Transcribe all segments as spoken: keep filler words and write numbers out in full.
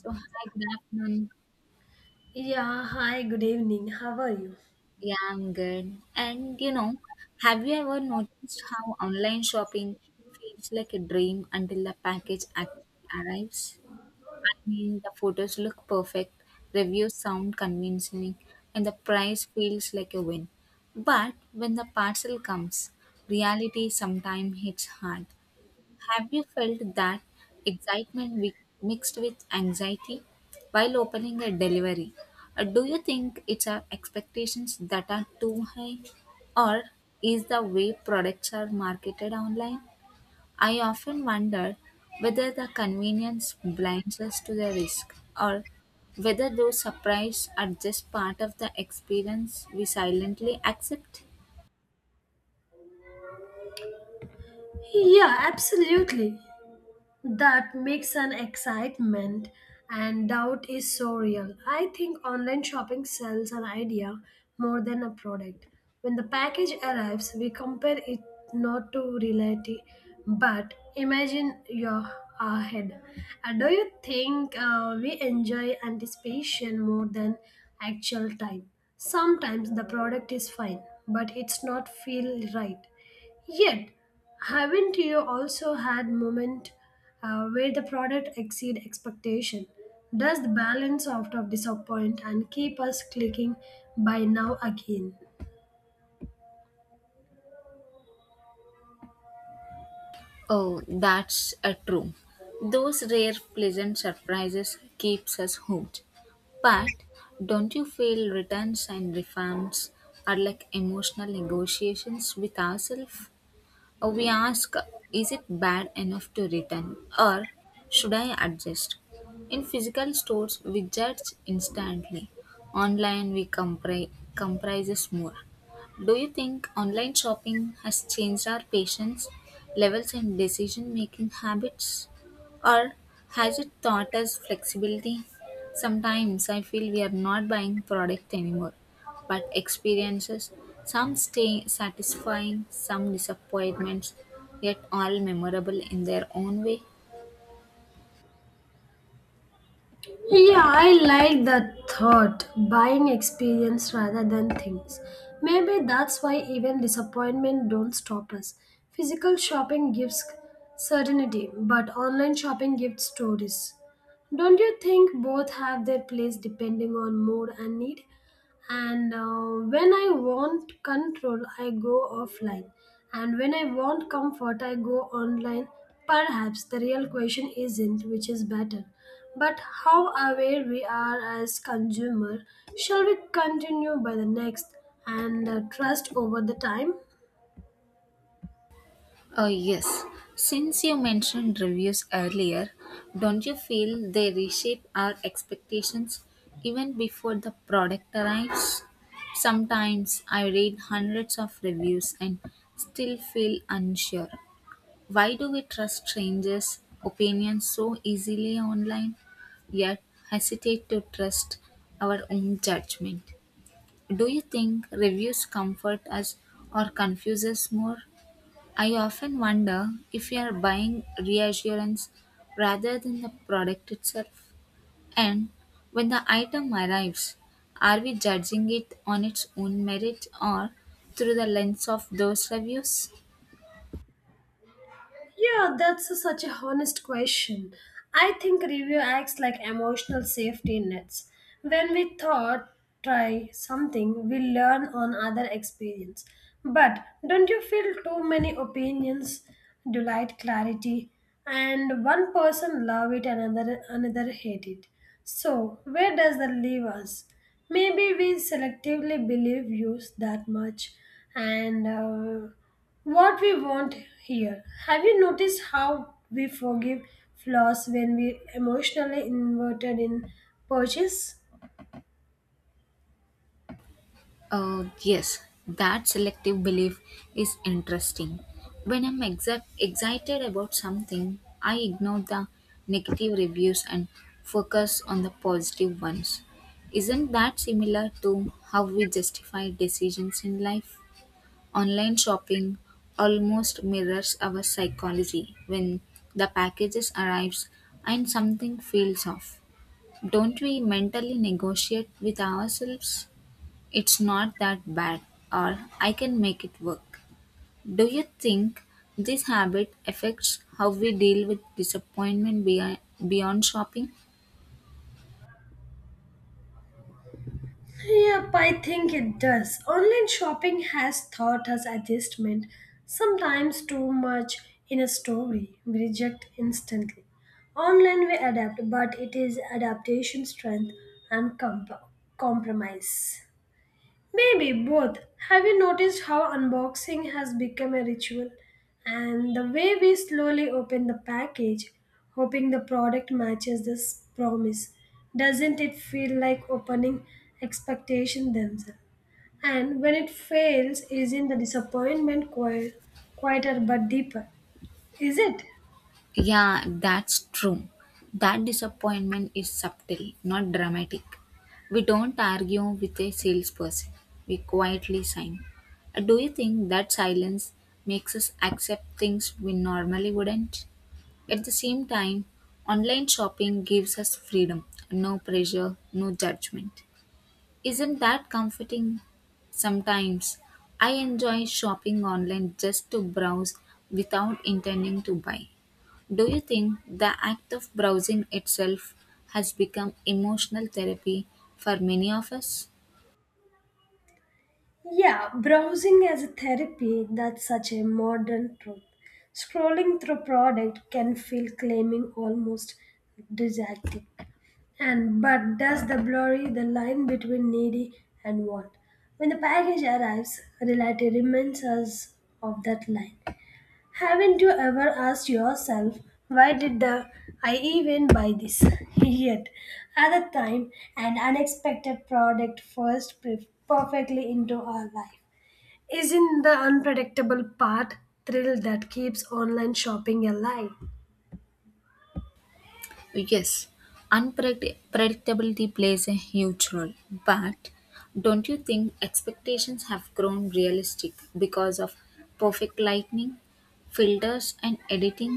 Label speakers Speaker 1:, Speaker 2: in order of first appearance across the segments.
Speaker 1: So, hi, good afternoon.
Speaker 2: Yeah, hi, good evening. How are you?
Speaker 1: Yeah, I'm good. And you know, have you ever noticed how online shopping feels like a dream until the package actually arrives? I mean, the photos look perfect, reviews sound convincing, and the price feels like a win. But when the parcel comes, reality sometimes hits hard. Have you felt that excitement wi- mixed with anxiety while opening a delivery? Or do you think it's our expectations that are too high? Or is the way products are marketed online? I often wonder whether the convenience blinds us to the risk or whether those surprises are just part of the experience we silently accept.
Speaker 2: Yeah, absolutely. That makes an excitement and doubt is so real. I think online shopping sells an idea more than a product. When the package arrives, we compare it not to reality but imagine your ahead. And do you think uh, we enjoy anticipation more than actual time? Sometimes the product is fine, but it's not feel right. Yet, haven't you also had moment uh, where the product exceed expectation? Does the balance out of disappoint and keep us clicking by now again?
Speaker 1: Oh, that's a true. Those rare pleasant surprises keeps us hooked. But don't you feel returns and refunds are like emotional negotiations with ourselves? Uh, We ask, is it bad enough to return or should I adjust? In physical stores, we judge instantly. Online, we compri- comprises more. Do you think online shopping has changed our patience levels and decision making habits? Or has it taught us flexibility? Sometimes I feel we are not buying product anymore, but experiences, some stay satisfying, some disappointments, yet all memorable in their own way.
Speaker 2: Yeah, I like that thought. Buying experience rather than things. Maybe that's why even disappointment don't stop us. Physical shopping gives certainty, but online shopping gives stories. Don't you think both have their place depending on mood and need? and uh, when I want control I go offline, and when I want comfort I go online. Perhaps the real question isn't which is better, but how aware we are as consumer. Shall we continue by the next and uh, trust over the time?
Speaker 1: Oh, yes. Since you mentioned reviews earlier, don't you feel they reshape our expectations even before the product arrives? Sometimes I read hundreds of reviews and still feel unsure. Why do we trust strangers' opinions so easily online, yet hesitate to trust our own judgment? Do you think reviews comfort us or confuse us more? I often wonder if we are buying reassurance rather than the product itself. And when the item arrives, are we judging it on its own merit or through the lens of those reviews?
Speaker 2: Yeah, that's a- such a honest question. I think review acts like emotional safety nets. When we thought try something, we learn on other experience. But don't you feel too many opinions delight clarity, and one person love it and another another hate it. So where does that leave us? Maybe we selectively believe views that much and uh, what we want here. Have you noticed how we forgive flaws when we emotionally inverted in purchase?
Speaker 1: Uh, yes, that selective belief is interesting. When I'm exact excited about something, I ignore the negative reviews and focus on the positive ones. Isn't that similar to how we justify decisions in life? Online shopping almost mirrors our psychology when the packages arrives and something feels off. Don't we mentally negotiate with ourselves? It's not that bad, or I can make it work. Do you think this habit affects how we deal with disappointment beyond, beyond shopping?
Speaker 2: Yep, I think it does. Online shopping has taught us adjustment, sometimes too much. In a story, we reject instantly. Online we adapt, but it is adaptation strength and comp- compromise. Maybe both. Have you noticed how unboxing has become a ritual? And the way we slowly open the package, hoping the product matches this promise. Doesn't it feel like opening expectation themselves? And when it fails, isn't the disappointment qui- quieter but deeper? Is it?
Speaker 1: Yeah, that's true. That disappointment is subtle, not dramatic. We don't argue with a salesperson, we quietly sign. Do you think that silence makes us accept things we normally wouldn't? At the same time, online shopping gives us freedom, no pressure, no judgment. Isn't that comforting? Sometimes I enjoy shopping online just to browse without intending to buy. Do you think the act of browsing itself has become emotional therapy for many of us?
Speaker 2: Yeah, browsing as a therapy, that's such a modern truth. Scrolling through product can feel claiming almost didactic. And but does the blurry the line between needy and want? When the package arrives, reality reminds us of that line. Haven't you ever asked yourself, why did the I even buy this? Yet at the time an unexpected product first pre- perfectly into our life. Isn't the unpredictable part thrill that keeps online shopping alive?
Speaker 1: Yes, unpredictability plays a huge role, but don't you think expectations have grown realistic because of perfect lighting, filters, and editing?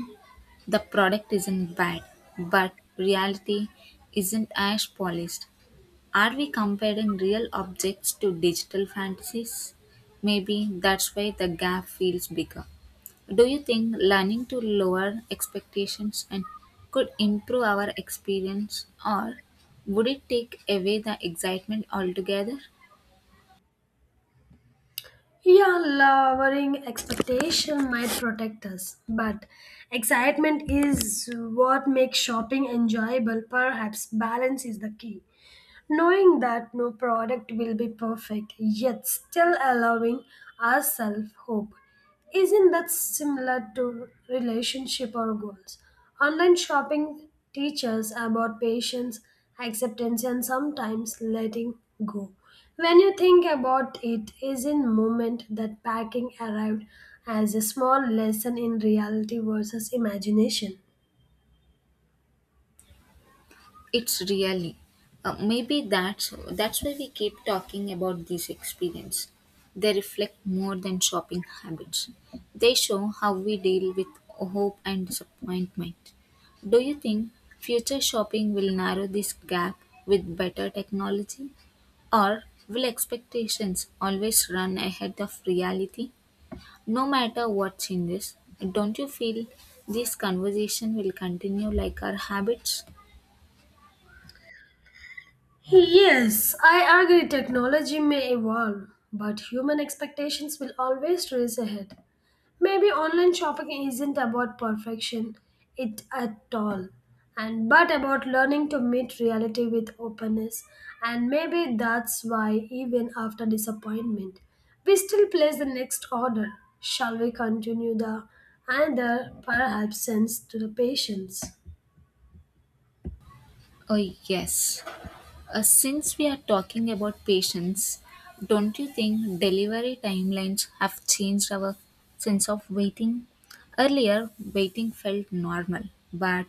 Speaker 1: The product isn't bad, but reality isn't as polished. Are we comparing real objects to digital fantasies? Maybe that's why the gap feels bigger. Do you think learning to lower expectations and could improve our experience or would it take away the excitement altogether?
Speaker 2: Yeah, lowering expectation might protect us, but excitement is what makes shopping enjoyable. Perhaps balance is the key. Knowing that no product will be perfect, yet still allowing ourselves hope. Isn't that similar to relationship or goals? Online shopping teaches about patience, acceptance, and sometimes letting go. When you think about it, is in moment that packing arrived as a small lesson in reality versus imagination.
Speaker 1: It's really uh, maybe that's that's why we keep talking about these experience. They reflect more than shopping habits. They show how we deal with hope and disappointment. Do you think future shopping will narrow this gap with better technology? Or will expectations always run ahead of reality? No matter what changes, don't you feel this conversation will continue like our habits?
Speaker 2: Yes, I agree technology may evolve, but human expectations will always race ahead. Maybe online shopping isn't about perfection, it at all, and but about learning to meet reality with openness. And maybe that's why, even after disappointment, we still place the next order. Shall we continue the and the perhaps sense to the patience?
Speaker 1: Oh, yes. Uh, since we are talking about patience, don't you think delivery timelines have changed our sense of waiting? Earlier, waiting felt normal, but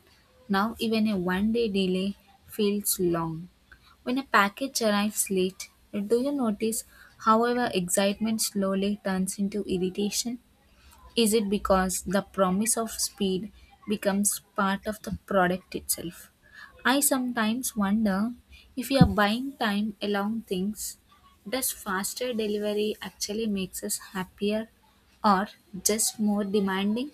Speaker 1: now even a one day delay feels long. When a package arrives late, do you notice, however, excitement slowly turns into irritation? Is it because the promise of speed becomes part of the product itself? I sometimes wonder if we are buying time along things, does faster delivery actually makes us happier or just more demanding?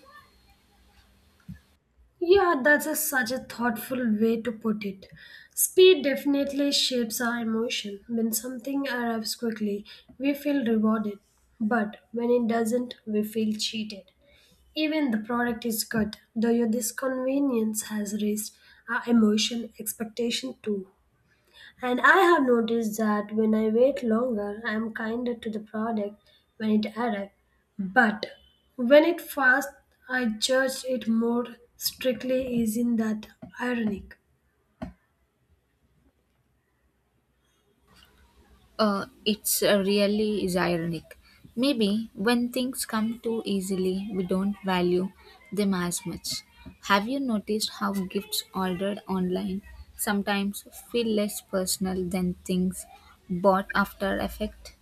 Speaker 2: Yeah, that's a, such a thoughtful way to put it. Speed definitely shapes our emotion. When something arrives quickly, we feel rewarded. But when it doesn't, we feel cheated. Even the product is good, though your disconvenience has raised our emotion expectation too. And I have noticed that when I wait longer, I am kinder to the product when it arrives. But when it fast, I judge it more strictly. Isn't that ironic?
Speaker 1: Uh, it's uh, really is ironic. Maybe when things come too easily, we don't value them as much. Have you noticed how gifts ordered online sometimes feel less personal than things bought after effect?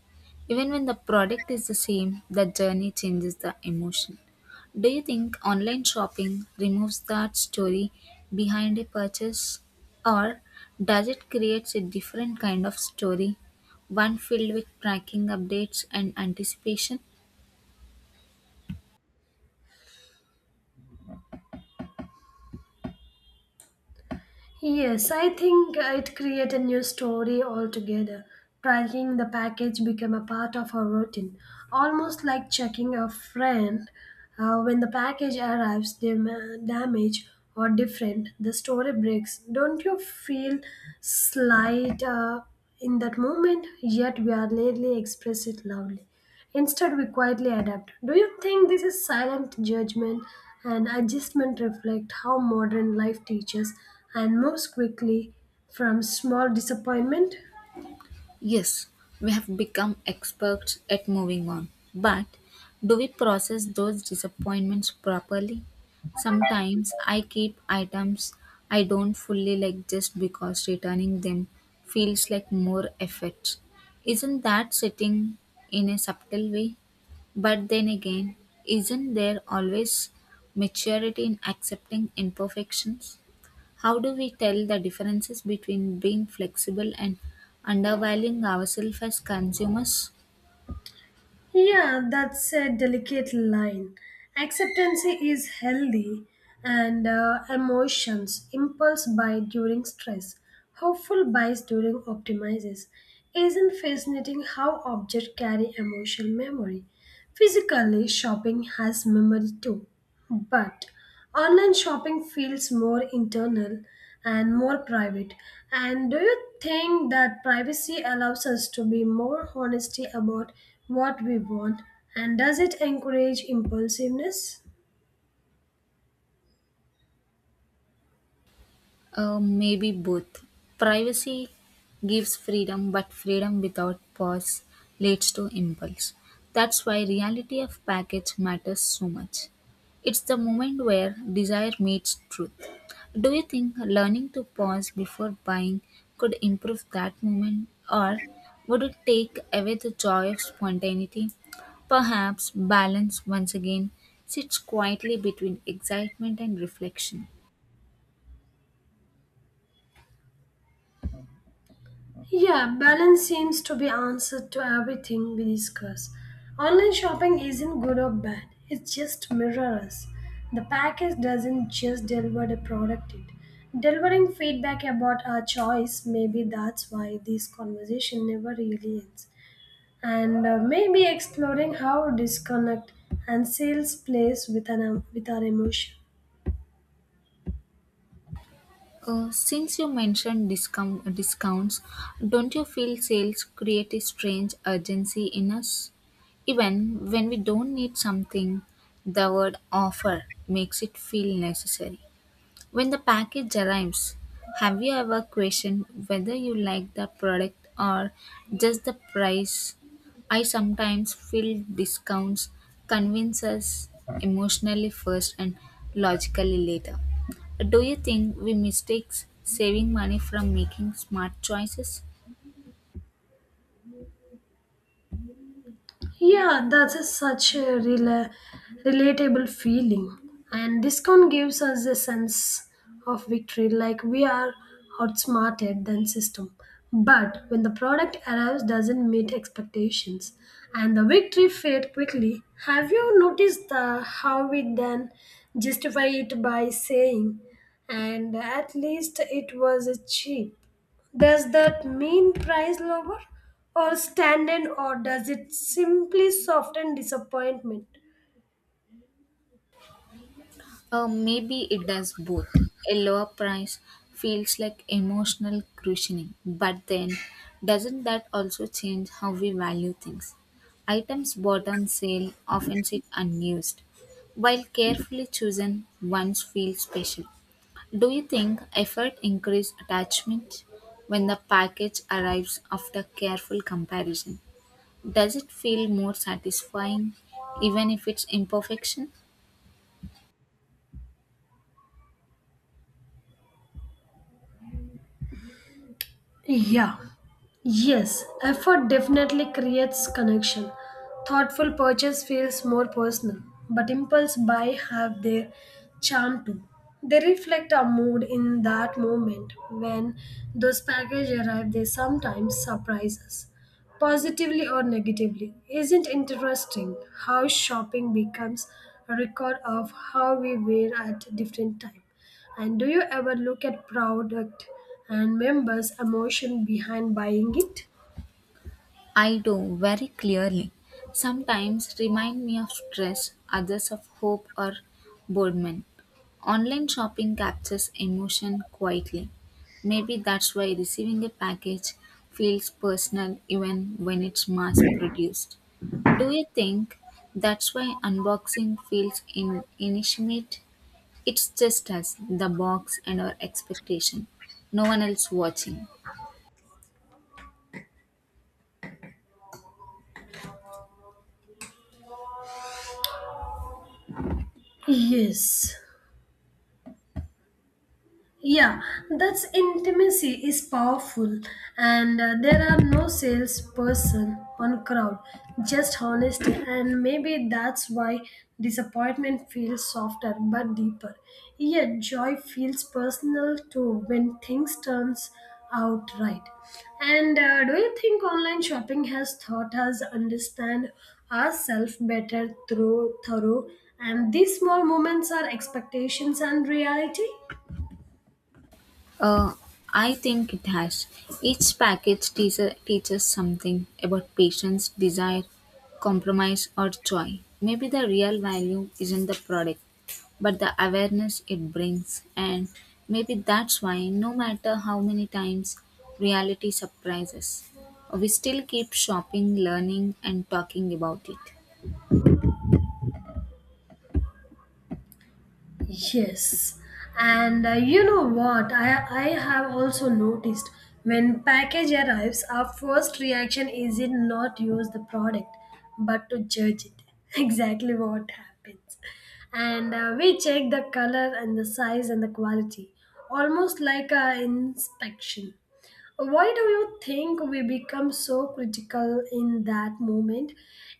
Speaker 1: Even when the product is the same, the journey changes the emotion. Do you think online shopping removes that story behind a purchase? Or does it create a different kind of story, one filled with tracking updates and anticipation?
Speaker 2: Yes, I think it creates a new story altogether. Tracking the package became a part of our routine, almost like checking a friend. Uh, when the package arrives dam- damaged or different, the story breaks. Don't you feel slight uh, in that moment? Yet we are rarely express it loudly. Instead, we quietly adapt. Do you think this is silent judgment and adjustment reflect how modern life teaches and moves quickly from small disappointment?
Speaker 1: Yes, we have become experts at moving on. But do we process those disappointments properly? Sometimes I keep items I don't fully like just because returning them feels like more effort. Isn't that sitting in a subtle way? But then again, isn't there always maturity in accepting imperfections? How do we tell the differences between being flexible and undervaluing ourselves as consumers?
Speaker 2: Yeah, that's a delicate line. Acceptance is healthy and uh, emotions, impulse buy during stress, hopeful buys during optimizes. Isn't fascinating how objects carry emotional memory? Physically, shopping has memory too, but online shopping feels more internal and more private. And do you think that privacy allows us to be more honesty about what we want? And does it encourage impulsiveness?
Speaker 1: Uh, maybe both. Privacy gives freedom, but freedom without pause leads to impulse. That's why reality of package matters so much. It's the moment where desire meets truth. Do you think learning to pause before buying could improve that moment, or would it take away the joy of spontaneity? Perhaps balance once again sits quietly between excitement and reflection.
Speaker 2: Yeah, balance seems to be answered to everything we discuss. Online shopping isn't good or bad. It just mirrors us. The package doesn't just deliver the product it. Delivering feedback about our choice, maybe that's why this conversation never really ends. And uh, Maybe exploring how disconnect and sales plays with, an, with our emotion.
Speaker 1: Uh, since you mentioned discount, discounts, don't you feel sales create a strange urgency in us? Even when we don't need something, the word offer makes it feel necessary. When the package arrives, have you ever questioned whether you like the product or just the price? I sometimes feel discounts convince us emotionally first and logically later. Do you think we mistake saving money from making smart choices?
Speaker 2: Yeah, that's a, such a rela- relatable feeling. And discount gives us a sense of victory, like we are outsmarted than system. But when the product arrives, doesn't meet expectations, and the victory fade quickly. Have you noticed the how we then justify it by saying, and at least it was cheap? Does that mean price lower or standard, or does it simply soften disappointment?
Speaker 1: Uh, maybe it does both. A lower price feels like emotional cushioning, but then doesn't that also change how we value things? Items bought on sale often sit unused, while carefully chosen ones feel special. Do you think effort increases attachment when the package arrives after careful comparison? Does it feel more satisfying even if it's imperfection?
Speaker 2: Yeah, Yes, effort definitely creates connection. Thoughtful purchase feels more personal, but impulse buy have their charm too. They reflect our mood in that moment. When those packages arrive, they sometimes surprise us, positively or negatively. Isn't interesting how shopping becomes a record of how we were at different time? And do you ever look at product and members' emotion behind buying it?
Speaker 1: I do very clearly. Sometimes remind me of stress, others of hope or boredom. Online shopping captures emotion quietly. Maybe that's why receiving a package feels personal even when it's mass produced. Do you think that's why unboxing feels in- intimate? It's just us, the box, and our expectation. No one else watching.
Speaker 2: Yes, Yeah, that's intimacy is powerful, and uh, there are no salesperson on crowd, just honesty, and maybe that's why disappointment feels softer but deeper. Yet joy feels personal too when things turns out right. And uh, Do you think online shopping has taught us understand ourselves better through thorough? And these small moments are expectations and reality.
Speaker 1: Uh, I think it has. Each package teaser teaches something about patience, desire, compromise, or joy. Maybe the real value isn't the product, but the awareness it brings. And maybe that's why, no matter how many times reality surprises, we still keep shopping, learning, and talking about it.
Speaker 2: Yes, and uh, you know what? I, I have also noticed when package arrives, our first reaction is it not use the product, but to judge it. Exactly what happens, and uh, we check the color and the size and the quality, almost like a inspection. Why do you think we become so critical in that moment?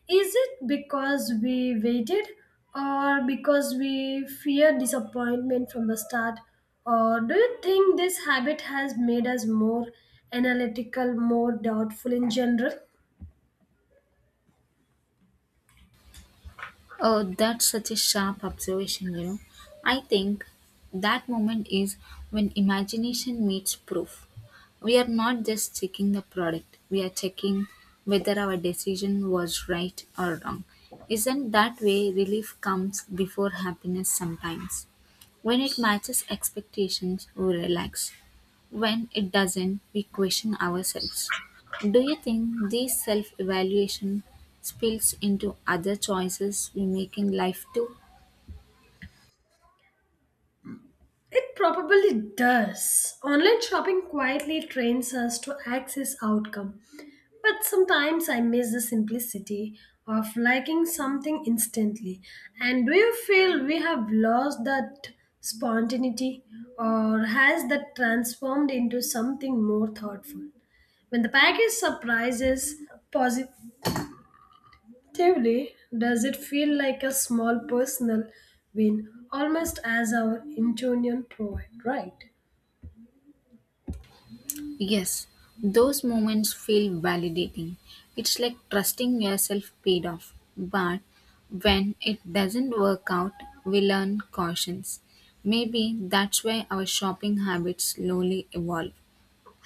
Speaker 2: Is it because we waited or because we fear disappointment from the start? Or do you think this habit has made us more analytical, more doubtful in general?
Speaker 1: Oh, that's such a sharp observation, you know. I think that moment is when imagination meets proof. We are not just checking the product, we are checking whether our decision was right or wrong. Isn't that way relief comes before happiness sometimes? When it matches expectations, we relax. When it doesn't, we question ourselves. Do you think this self evaluation spills into other choices we make in life too?
Speaker 2: It probably does. Online shopping quietly trains us to access outcome. But sometimes I miss the simplicity of liking something instantly. And do you feel we have lost that spontaneity, or has that transformed into something more thoughtful? When the package surprises positively, does it feel like a small personal win, almost as our intuition provide, right?
Speaker 1: Yes, those moments feel validating. It's like trusting yourself paid off. But when it doesn't work out, we learn cautions. Maybe that's why our shopping habits slowly evolve.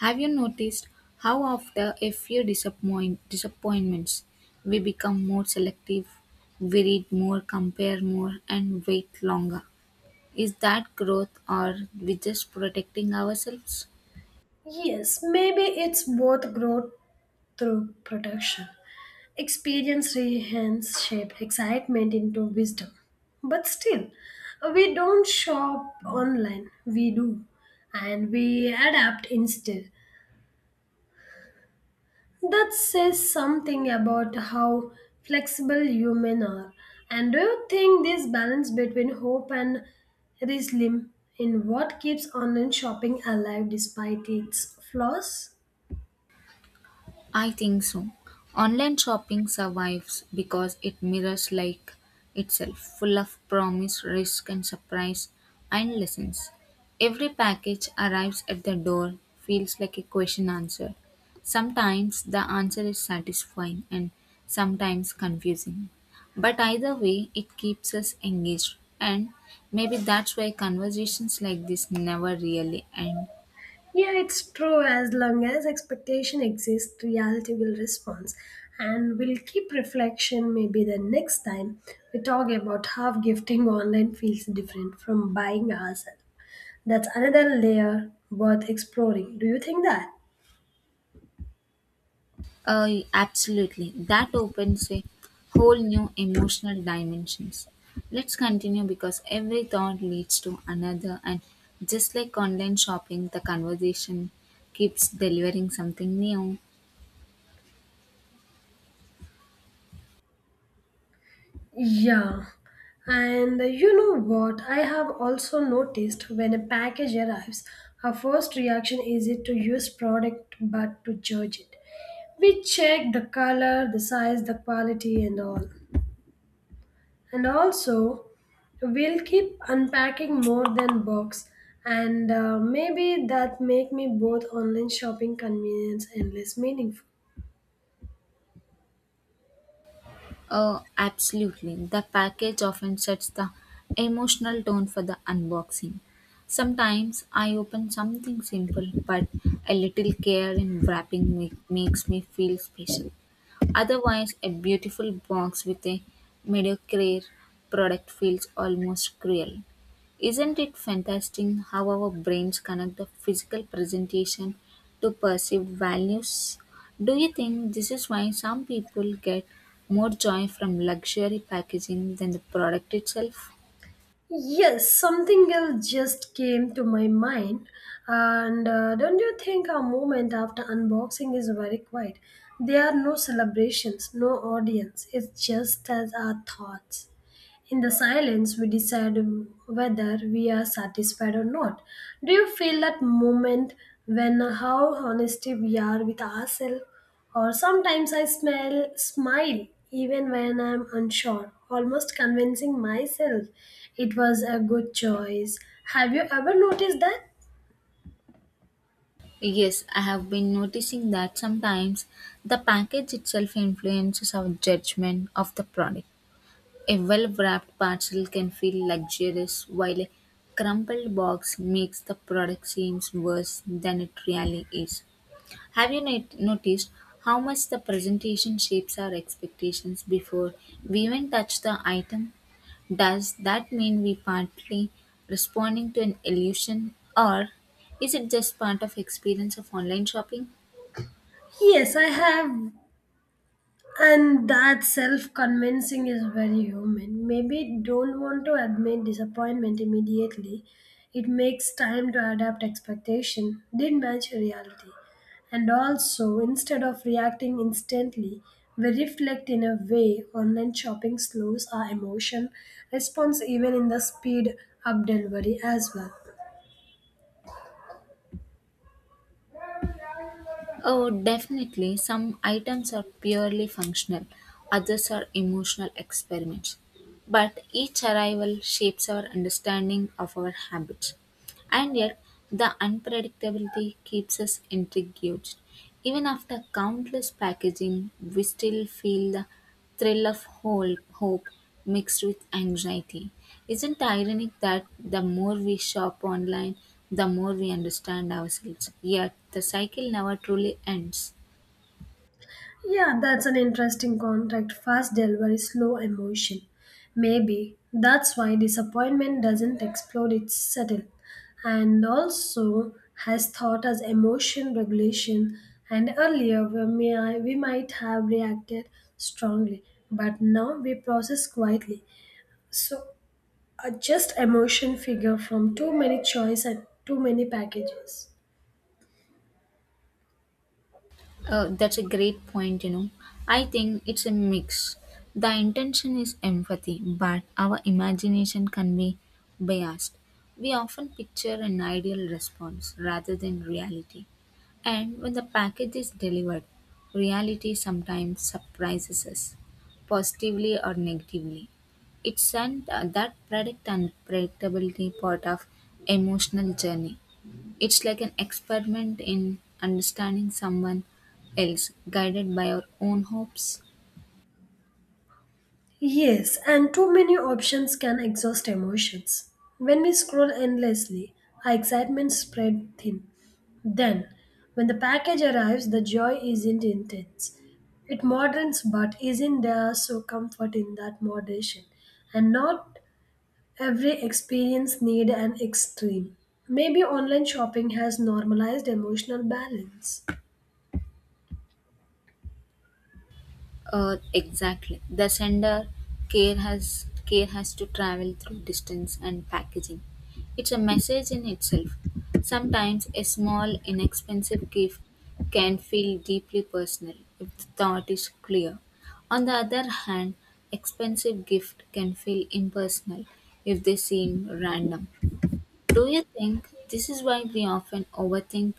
Speaker 1: Have you noticed how after a few disappoint, disappointments we become more selective, we read more, compare more and wait longer? Is that growth or we just protecting ourselves?
Speaker 2: Yes, maybe it's both growth through protection. Experience rehens shape excitement into wisdom. But still, we don't shop online, we do. And we adapt instead. That says something about how flexible human are. And do you think this balance between hope and realism in what keeps online shopping alive despite its flaws?
Speaker 1: I think so. Online shopping survives because it mirrors like itself, full of promise, risk, and surprise, and lessons. Every package arrives at the door feels like a question answered. Sometimes the answer is satisfying and sometimes confusing. But either way, it keeps us engaged, and maybe that's why conversations like this never really end.
Speaker 2: Yeah, it's true. As long as expectation exists, reality will respond. And we'll keep reflection maybe the next time we talk about how gifting online feels different from buying ourselves. That's another layer worth exploring. Do you think that?
Speaker 1: Uh, absolutely. That opens a whole new emotional dimensions. Let's continue because every thought leads to another and just like online shopping, the conversation keeps delivering something new.
Speaker 2: Yeah. And you know what? I have also noticed when a package arrives, our first reaction isn't to use product but to judge it. We check the color, the size, the quality, and all. And also, we'll keep unpacking more than box. And uh, Maybe that make me both online shopping convenience and less meaningful.
Speaker 1: Uh, absolutely. The package often sets the emotional tone for the unboxing. Sometimes I open something simple, but a little care in wrapping make, makes me feel special. Otherwise, a beautiful box with a mediocre product feels almost cruel. Isn't it fantastic how our brains connect the physical presentation to perceived values? Do you think this is why some people get more joy from luxury packaging than the product itself?
Speaker 2: Yes, something else just came to my mind. And uh, Don't you think our moment after unboxing is very quiet? There are no celebrations, no audience. It's just as our thoughts. In the silence, we decide whether we are satisfied or not. Do you feel that moment when how honest we are with ourselves? Or sometimes I smell smile even when I'm unsure, almost convincing myself it was a good choice. Have you ever noticed that?
Speaker 1: Yes, I have been noticing that sometimes the package itself influences our judgment of the product. A well wrapped parcel can feel luxurious, while a crumpled box makes the product seem worse than it really is. Have you not- noticed how much the presentation shapes our expectations before we even touch the item? Does that mean we partly responding to an illusion, or is it just part of experience of online shopping?
Speaker 2: Yes, I have. And that self convincing is very human. Maybe don't want to admit disappointment immediately. It makes time to adapt expectation, didn't match reality. And also, instead of reacting instantly, we reflect in a way online shopping slows our emotion response even in the speed up delivery as well.
Speaker 1: Oh, definitely. Some items are purely functional, others are emotional experiments. But each arrival shapes our understanding of our habits. And yet, the unpredictability keeps us intrigued. Even after countless packaging, we still feel the thrill of whole hope mixed with anxiety. Isn't it ironic that the more we shop online, the more we understand ourselves? Yet, the cycle never truly ends.
Speaker 2: Yeah, that's an interesting contract. Fast delivery, slow emotion. Maybe that's why disappointment doesn't explode, it's subtle. And also has taught us emotion regulation. And earlier we, may, we might have reacted strongly, but now we process quietly. So, a just emotion figure from too many choice and too many packages.
Speaker 1: Uh, that's a great point, you know. I think it's a mix. The intention is empathy, but our imagination can be biased. We often picture an ideal response rather than reality. And when the package is delivered, reality sometimes surprises us, positively or negatively. It's an, uh, that predict and predictability part of emotional journey. It's like an experiment in understanding someone else, guided by our own hopes.
Speaker 2: Yes, and too many options can exhaust emotions. When we scroll endlessly, our excitement spread thin. Then, when the package arrives, the joy isn't intense. It moderates, but isn't there so comfort in that moderation? And not every experience need an extreme. Maybe online shopping has normalized emotional balance.
Speaker 1: Uh, exactly. The sender care has care has to travel through distance and packaging. It's a message in itself. Sometimes a small, inexpensive gift can feel deeply personal if the thought is clear. On the other hand, expensive gift can feel impersonal if they seem random. Do you think this is why we often overthink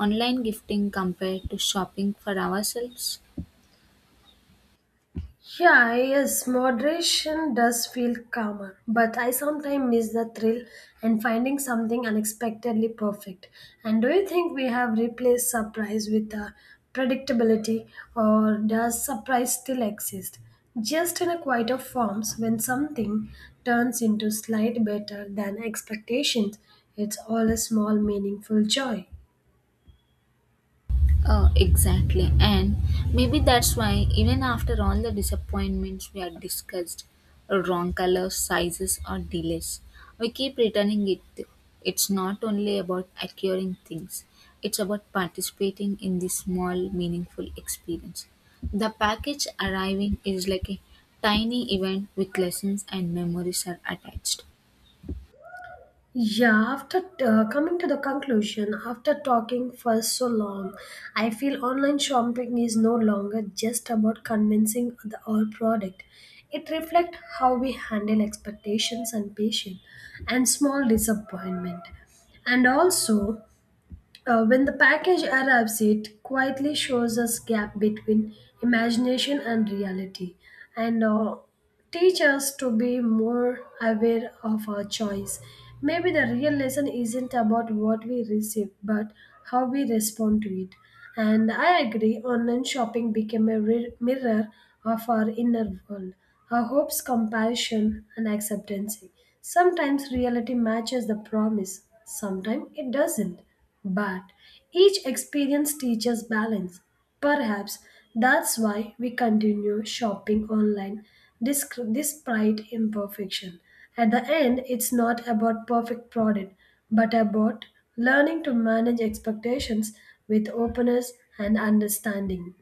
Speaker 1: online gifting compared to shopping for ourselves?
Speaker 2: Yeah, yes, moderation does feel calmer, but I sometimes miss the thrill and finding something unexpectedly perfect. And do you think we have replaced surprise with uh, predictability, or does surprise still exist? Just in a quieter forms, when something turns into slight better than expectations, it's all a small meaningful joy.
Speaker 1: Uh, exactly. And maybe that's why, even after all the disappointments we had discussed, wrong colors, sizes, or delays, we keep returning it. It's not only about acquiring things, it's about participating in this small, meaningful experience. The package arriving is like a tiny event with lessons and memories are attached.
Speaker 2: Yeah, after uh, coming to the conclusion, after talking for so long, I feel online shopping is no longer just about convincing the our product. It reflects how we handle expectations and patience and small disappointment. And also, uh, when the package arrives, it quietly shows us gap between imagination and reality, and uh, teach us to be more aware of our choice. Maybe the real lesson isn't about what we receive, but how we respond to it. And I agree, online shopping became a re- mirror of our inner world, our hopes, comparison, and acceptance. Sometimes reality matches the promise, sometimes it doesn't. But each experience teaches balance. Perhaps that's why we continue shopping online disc- despite imperfection. At the end, it's not about perfect product, but about learning to manage expectations with openness and understanding.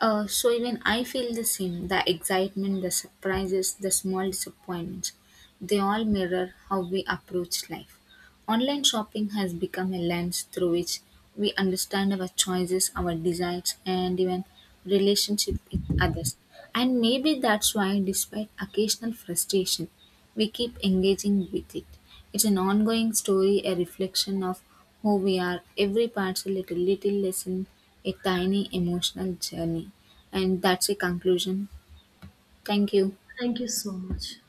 Speaker 1: Uh, so even I feel the same. The excitement, the surprises, the small disappointments, they all mirror how we approach life. Online shopping has become a lens through which we understand our choices, our desires, and even relationship with others. And maybe that's why, despite occasional frustration, we keep engaging with it. It's an ongoing story, a reflection of who we are. Every parcel is a little little lesson, a tiny emotional journey. And that's the conclusion. Thank you.
Speaker 2: Thank you so much.